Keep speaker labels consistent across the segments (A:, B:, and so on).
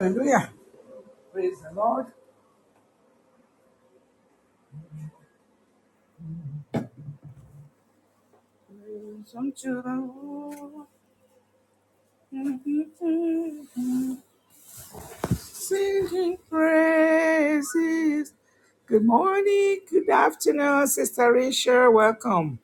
A: Hallelujah. Praise the Lord. Praise unto the Lord. Singing praises. Good morning, good afternoon, Sister Rachel. Welcome.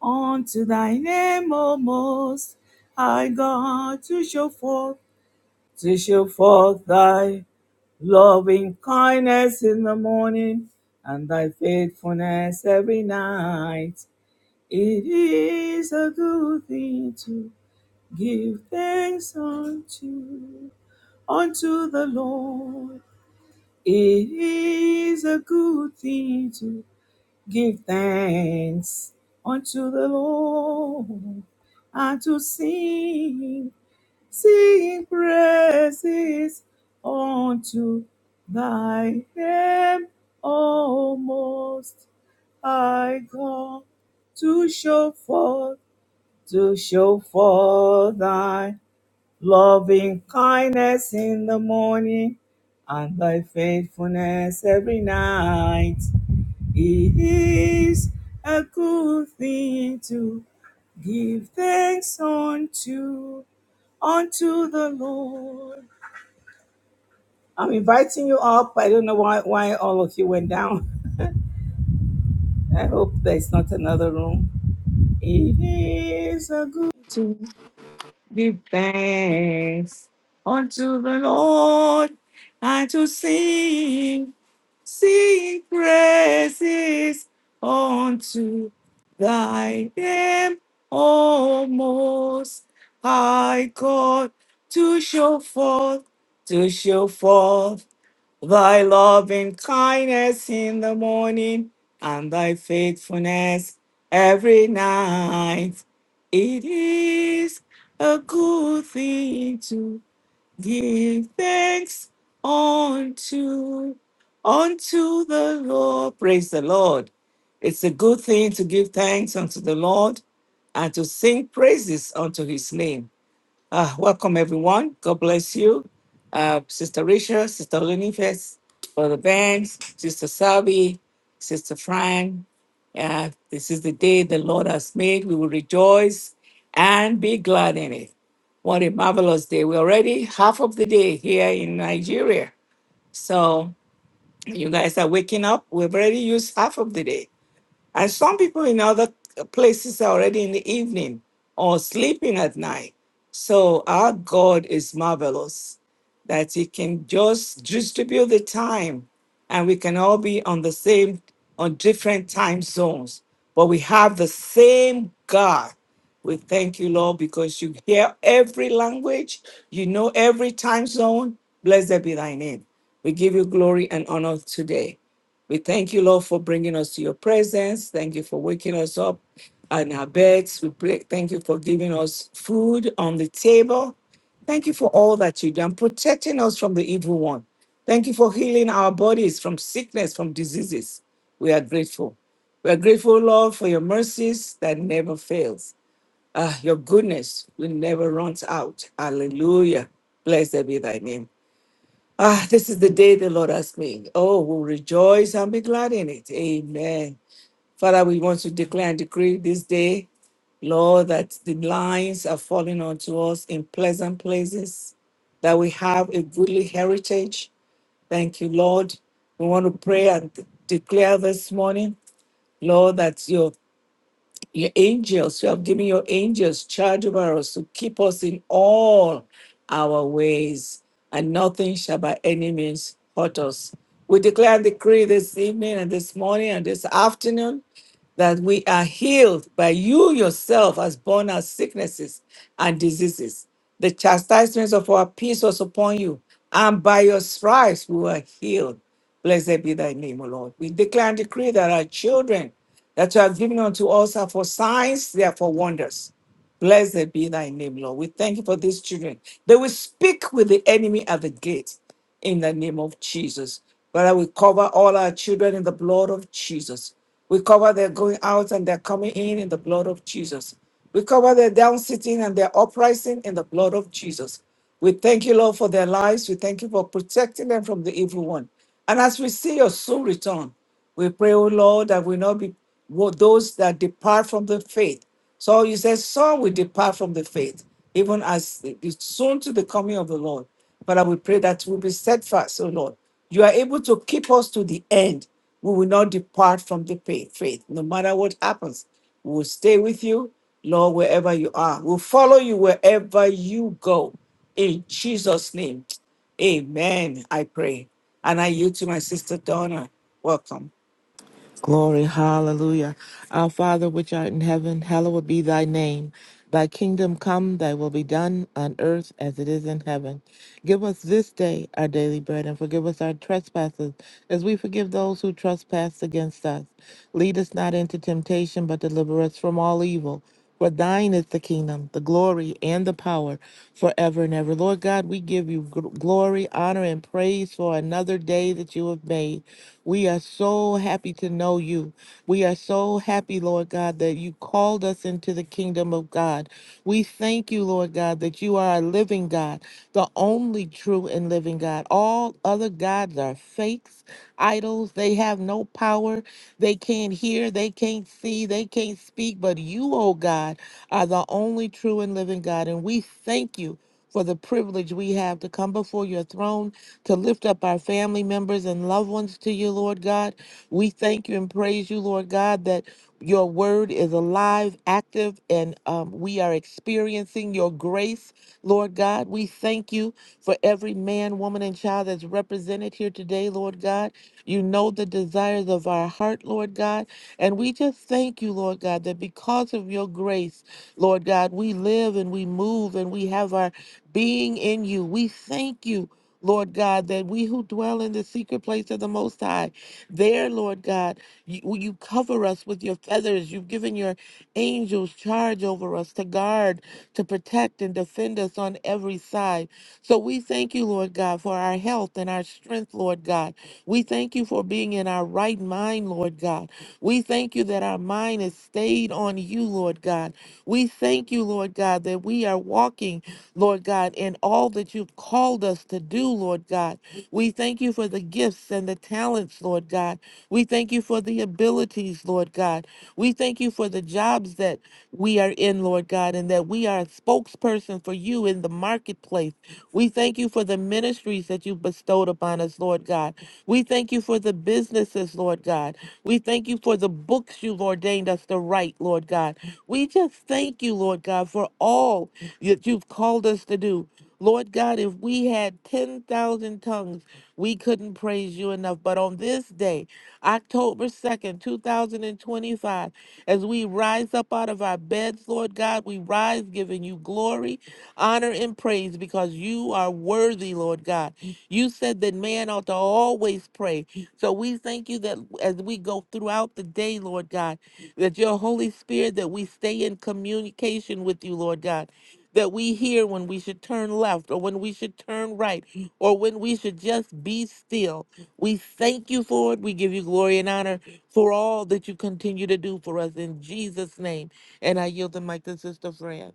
A: Unto thy name, O most high God, to show forth, to show forth thy loving kindness in the morning and thy faithfulness every night. It is a good thing to give thanks unto unto the Lord. It is a good thing to give thanks unto the Lord and to sing, sing praises unto thy name, O most high God, to show forth to show forth thy loving kindness in the morning and thy faithfulness every night. It is a good thing to give thanks unto unto the Lord. I'm inviting you up. I don't know why why all of you went down. I hope there's not another room. It is a good Give thanks unto the Lord and to sing, sing praises unto thy name, O most high God, to show forth, to show forth. Thy love and kindness in the morning, and thy faithfulness every night. It is a good thing to give thanks unto unto the Lord. Praise the Lord. It's a good thing to give thanks unto the Lord and to sing praises unto his name uh, welcome, everyone. God bless you. Uh, Sister Risha, Sister Olinife, Brother Banks, Sister Sabi, Sister Fran. Uh, this is the day the Lord has made. We will rejoice and be glad in it. What a marvelous day. We're already half of the day here in Nigeria. So you guys are waking up. We've already used half of the day. And some people in other places are already in the evening or sleeping at night. So our God is marvelous that He can just distribute the time and we can all be on the same, on different time zones. But we have the same God. We thank you, Lord, because you hear every language, you know every time zone. Blessed be thy name. We give you glory and honor today. We thank you, Lord, for bringing us to your presence. Thank you for waking us up on our beds. We pray, thank you for giving us food on the table. Thank you for all that you do and protecting us from the evil one. Thank you for healing our bodies from sickness, from diseases. We are grateful. We are grateful, Lord, for your mercies that never fails. Ah, your goodness will never run out. Hallelujah. Blessed be thy name. Ah, this is the day the Lord has made. Oh, we'll rejoice and be glad in it. Amen. Father, we want to declare and decree this day, Lord, that the lines are falling onto us in pleasant places, that we have a goodly heritage. Thank you, Lord. We want to pray and declare this morning, Lord, that your your angels, you have given your angels charge over us to keep us in all our ways, and nothing shall by any means hurt us. We declare and decree this evening and this morning and this afternoon that we are healed by you yourself has borne our sicknesses and diseases. The chastisements of our peace was upon you, and by your stripes we were healed. Blessed be thy name, O Lord. We declare and decree that our children that you have given unto us are for signs, they are for wonders. Blessed be thy name, Lord. We thank you for these children. They will speak with the enemy at the gate in the name of Jesus. But I will cover all our children in the blood of Jesus. We cover their going out and their coming in in the blood of Jesus. We cover their down sitting and their uprising in the blood of Jesus. We thank you, Lord, for their lives. We thank you for protecting them from the evil one. And as we see your soon return, we pray, O Lord, that we not be wo- those that depart from the faith. So you said some will depart from the faith, even as it is soon to the coming of the Lord. But I will pray that we'll be steadfast, O Lord. You are able to keep us to the end. We will not depart from the pa- faith, no matter what happens. We will stay with you, Lord, wherever you are. We'll follow you wherever you go. In Jesus' name, amen. I pray. And I yield to my sister Donna. Welcome.
B: Glory, hallelujah. Our Father, which art in heaven, hallowed be thy name. Thy kingdom come, thy will be done on earth as it is in heaven. Give us this day our daily bread and forgive us our trespasses as we forgive those who trespass against us. Lead us not into temptation, but deliver us from all evil. For thine is the kingdom, the glory, and the power forever and ever. Lord God, we give you gl- glory, honor, and praise for another day that you have made. We are so happy to know you. We are so happy, Lord God, that you called us into the kingdom of God. We thank you, Lord God, that you are a living God, the only true and living God. All other gods are fakes, idols. They have no power. They can't hear. They can't see. They can't speak. But you, oh God, are the only true and living God. And we thank you for the privilege we have to come before your throne to lift up our family members and loved ones to you, Lord God. We thank you and praise you, Lord God, that your word is alive, active, and um, we are experiencing your grace, Lord God. We thank you for every man, woman, and child that's represented here today, Lord God. You know the desires of our heart, Lord God. And we just thank you, Lord God, that because of your grace, Lord God, we live and we move and we have our being in you. We thank you Lord God, that we who dwell in the secret place of the Most High, there, Lord God, you, you cover us with your feathers. You've given your angels charge over us to guard, to protect, and defend us on every side. So we thank you, Lord God, for our health and our strength, Lord God. We thank you for being in our right mind, Lord God. We thank you that our mind is stayed on you, Lord God. We thank you, Lord God, that we are walking. Lord God, in all that you've called us to do, Lord God. We thank you for the gifts and the talents, Lord God. We thank you for the abilities, Lord God. We thank you for the jobs that we are in, Lord God, and that we are a spokesperson for you in the marketplace. We thank you for the ministries that you've bestowed upon us, Lord God. We thank you for the businesses, Lord God. We thank you for the books you've ordained us to write, Lord God. We just thank you, Lord God, for all that you've called us to do. Lord God, if we had 10,000 tongues, we couldn't praise you enough. But on this day, October 2nd, 2025, as we rise up out of our beds, Lord God, we rise giving you glory, honor, and praise because you are worthy, Lord God. You said that man ought to always pray. So we thank you that as we go throughout the day, Lord God, that your Holy Spirit, that we stay in communication with you, Lord God that we hear when we should turn left or when we should turn right or when we should just be still. We thank you for it. We give you glory and honor for all that you continue to do for us in Jesus' name. And I yield the mic to Sister Fran.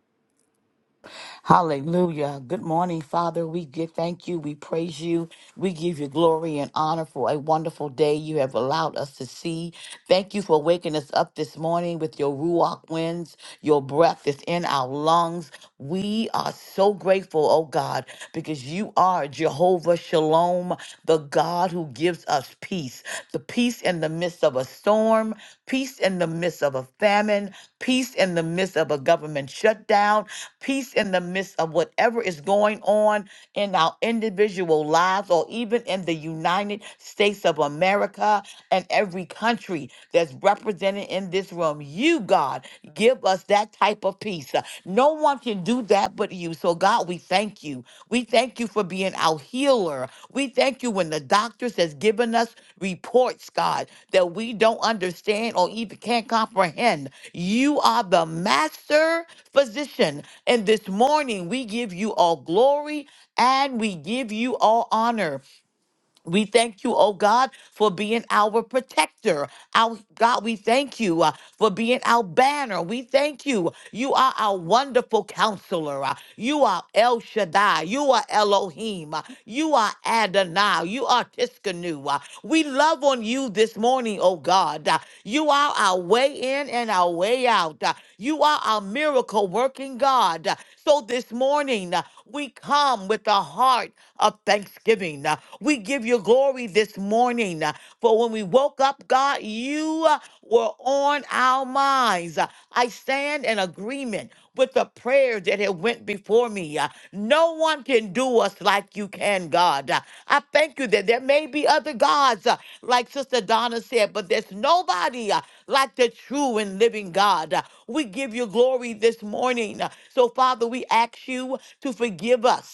C: Hallelujah. Good morning, Father. We give, thank you. We praise you. We give you glory and honor for a wonderful day you have allowed us to see. Thank you for waking us up this morning with your ruach winds. Your breath is in our lungs. We are so grateful, oh God, because you are Jehovah Shalom, the God who gives us peace. The peace in the midst of a storm, peace in the midst of a famine, peace in the midst of a government shutdown, peace in the midst of whatever is going on in our individual lives or even in the United States of America and every country that's represented in this room. You, God, give us that type of peace. No one can do that but you you. So, God, we thank you. We thank you for being our healer. We thank you when the doctors has given us reports, God, that we don't understand or even can't comprehend. You are the master physician. And this morning, we give you all glory and we give you all honor. We thank you, oh God, for being our protector. Our God, we thank you uh, for being our banner. We thank you. You are our wonderful counselor. uh, you are El Shaddai. You are Elohim. uh, you are Adonai. You are Tiskanu. uh, we love on you this morning, oh God. uh, you are our way in and our way out. uh, you are our miracle working God. uh, so this morning, uh, we come with a heart of thanksgiving. uh, we give you glory this morning. uh, For when we woke up, God, you uh, were on our minds. Uh, I stand in agreement with the prayers that have went before me. Uh, No one can do us like you can, God. Uh, I thank you that there may be other gods, uh, like Sister Donna said, but there's nobody uh, like the true and living God. Uh, We give you glory this morning. Uh, So, Father, we ask you to forgive us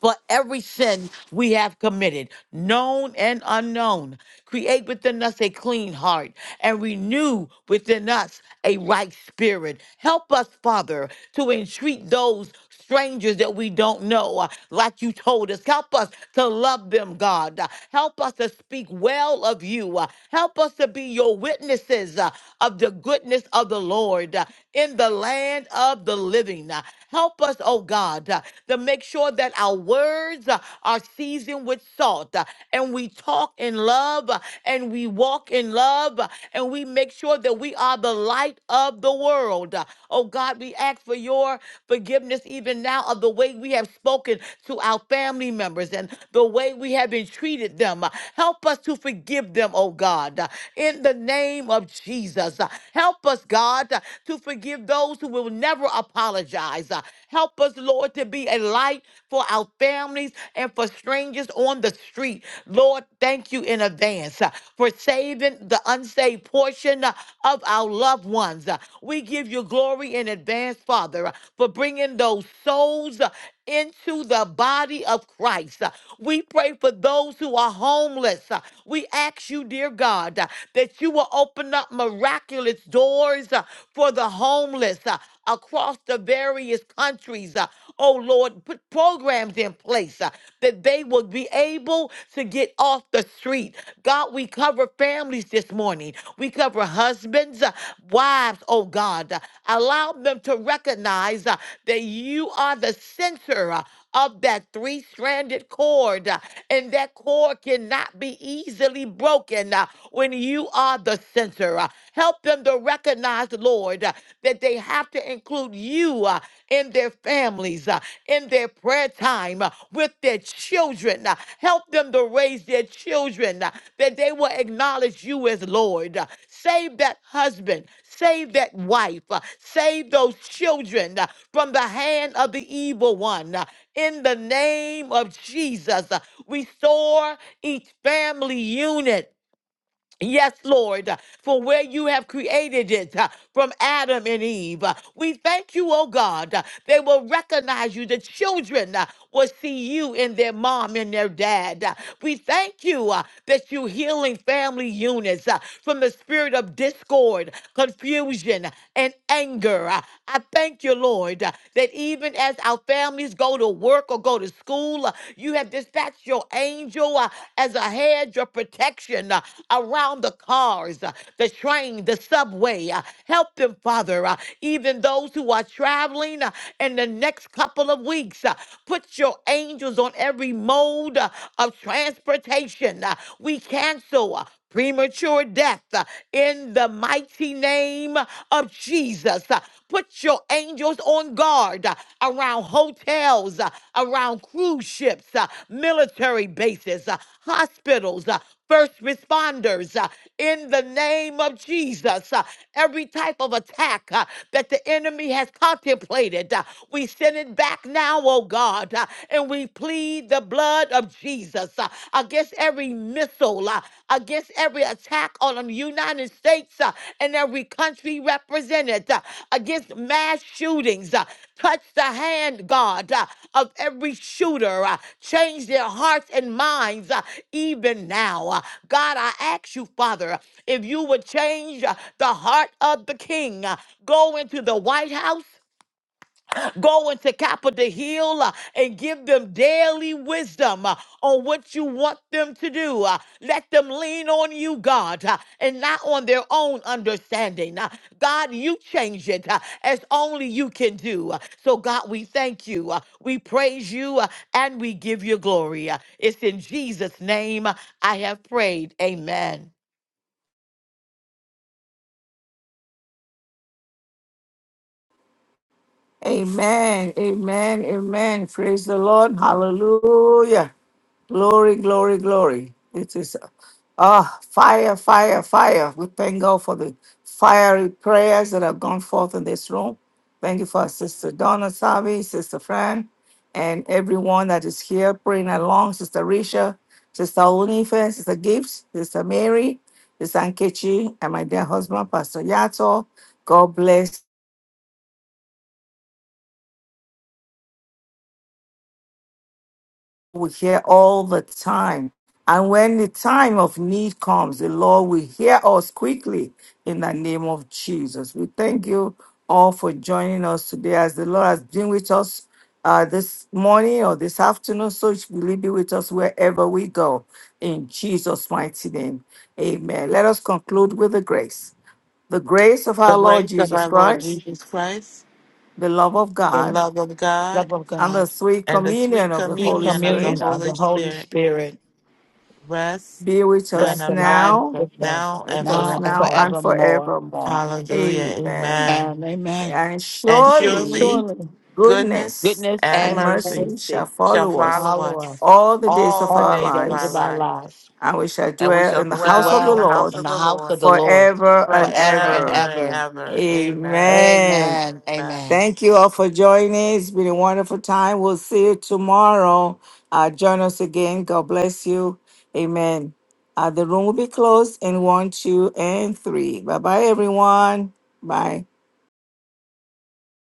C: for every sin we have committed, known and unknown. Create within us a clean heart and renew within us a right spirit. Help us, Father, to entreat those strangers that we don't know, uh, like you told us. Help us to love them, God. Uh, Help us to speak well of you. Uh, Help us to be your witnesses uh, of the goodness of the Lord uh, in the land of the living. Uh, Help us, oh oh God, uh, to make sure that our words uh, are seasoned with salt uh, and we talk in love uh, and we walk in love uh, and we make sure that we are the light of the world. Uh, Oh God, we ask for your forgiveness even now of the way we have spoken to our family members and the way we have been treated them. Uh, Help us to forgive them, oh God, uh, in the name of Jesus. Uh, Help us, God, uh, to forgive those who will never never apologize. Uh, help us, Lord, to be a light for our families and for strangers on the street. Lord, thank you in advance uh, for saving the unsaved portion uh, of our loved ones. Uh, we give you glory in advance, Father, uh, for bringing those souls. uh, into the body of Christ. Uh, We pray for those who are homeless. Uh, We ask you, dear God, uh, that you will open up miraculous doors uh, for the homeless uh, across the various countries. Uh, Oh Lord, put programs in place uh, that they will be able to get off the street. God, we cover families this morning. We cover husbands, uh, wives, oh God. Uh, Allow them to recognize uh, that you are the center uh, of that three stranded cord, uh, and that cord cannot be easily broken uh, when you are the center. Uh, Help them to recognize, Lord, uh, that they have to include you uh, in their family families uh, in their prayer time uh, with their children. uh, Help them to raise their children uh, that they will acknowledge you as Lord. uh, Save that husband. Save that wife. uh, Save those children uh, from the hand of the evil one. uh, In the name of Jesus, Uh, restore each family unit Yes, Lord, for where you have created it uh, from Adam and Eve. Uh, We thank you, oh God. uh, They will recognize you. The children uh, will see you in their mom and their dad. Uh, We thank you uh, that you're healing family units uh, from the spirit of discord, confusion, and anger. Uh, I thank you, Lord, uh, that even as our families go to work, work or go to school. Uh, You have dispatched your angel uh, as a hedge of protection uh, around the cars, uh, the train, the subway. uh, Help them, Father, uh, even those who are traveling uh, in the next couple of weeks. uh, Put your angels on every mode uh, of transportation. uh, We cancel. uh, premature death uh, in the mighty name of Jesus. Uh, Put your angels on guard uh, around hotels, uh, around cruise ships, uh, military bases, uh, hospitals, uh, first responders uh, in the name of Jesus. uh, Every type of attack uh, that the enemy has contemplated, uh, we send it back now, oh God, uh, and we plead plead the blood of Jesus uh, against every missile, uh, against every attack on the United States uh, and every country represented, uh, against mass shootings. uh, touch the hand, God, uh, of every shooter. uh, change their hearts and minds uh, even now. uh. God, I ask you, Father, if you would change uh, the heart of the king. uh, go into the White House. Go into Kappa to heal uh, and give them daily wisdom uh, on what you want them to do. Uh, Let them lean on you, God, uh, and not on their own understanding. Uh, God, you change it uh, as only you can do. Uh, So, God, we thank you. uh, We praise you uh, and we give you glory. Uh, It's in Jesus' name uh, I have prayed. Amen.
A: Amen. Amen. Amen. Praise the Lord. Hallelujah. Glory, glory, glory. It is ah fire, fire, fire. We thank God for the fiery prayers that have gone forth in this room. Thank you for our Sister Donna Savi, Sister Fran, and everyone that is here praying along. Sister Risha, Sister Unife, Sister Gibbs, Sister Mary, Sister Ankechi, and my dear husband, Pastor Yato. God bless we hear all the time. And when the time of need comes, the Lord will hear us quickly in the name of Jesus. We thank you all for joining us today as the Lord has been with us uh, this morning or this afternoon. So will He be with us wherever we go in Jesus' mighty name. Amen. Let us conclude with the grace. The grace of
B: The
A: our Lord
B: grace of
A: Jesus
B: our Lord
A: Christ,
B: Jesus Christ,
A: the love of
B: the
A: God,
B: love of God,
A: and the
C: Lord,
A: sweet
B: and the
A: communion
B: sweet
A: of the
C: sweet
A: Holy
B: communion of the
A: Spirit
C: communion of the
B: Holy
C: Holy
B: Spirit
C: Spirit,
B: rest
A: be with
B: and
C: rest
A: us
C: and
B: abide
C: abide
A: now
B: both
C: with us
B: now and
A: with us
C: now and
A: now
B: forevermore.
A: and
C: forevermore.
A: forevermore.
B: Hallelujah.
A: Amen.
B: Amen.
C: And amen.
A: And
B: And surely.
A: surely
C: Surely
B: goodness
A: goodness
C: goodness
B: and
A: and
C: and
B: mercy
A: mercy shall
C: mercy
B: shall
A: follow us
B: follow
C: follow
B: us
C: us
A: all the days
B: all
A: of
B: the
C: all
A: our
C: the
B: days of
C: days
B: our
C: of
A: lives,
C: our
B: life,
C: lives.
A: and we shall
B: and we
A: dwell
B: shall
A: in
C: We
A: the
C: should
A: house
B: dwell
A: of
B: in
A: the
B: the
C: dwell
A: Lord
B: house
C: in
B: of
C: the
B: the
C: house
B: Lord
C: of the Lord
A: forever and
C: forever and
B: forever
A: ever.
B: and
C: ever.
B: ever. Amen. Amen.
A: Amen.
C: Amen.
B: Amen.
C: Amen.
A: Thank you all for joining. It's been a wonderful time. We'll see you tomorrow. Uh, join us again. God bless you. Amen. Uh, the room will be closed in one, two, and three. Bye bye, everyone. Bye.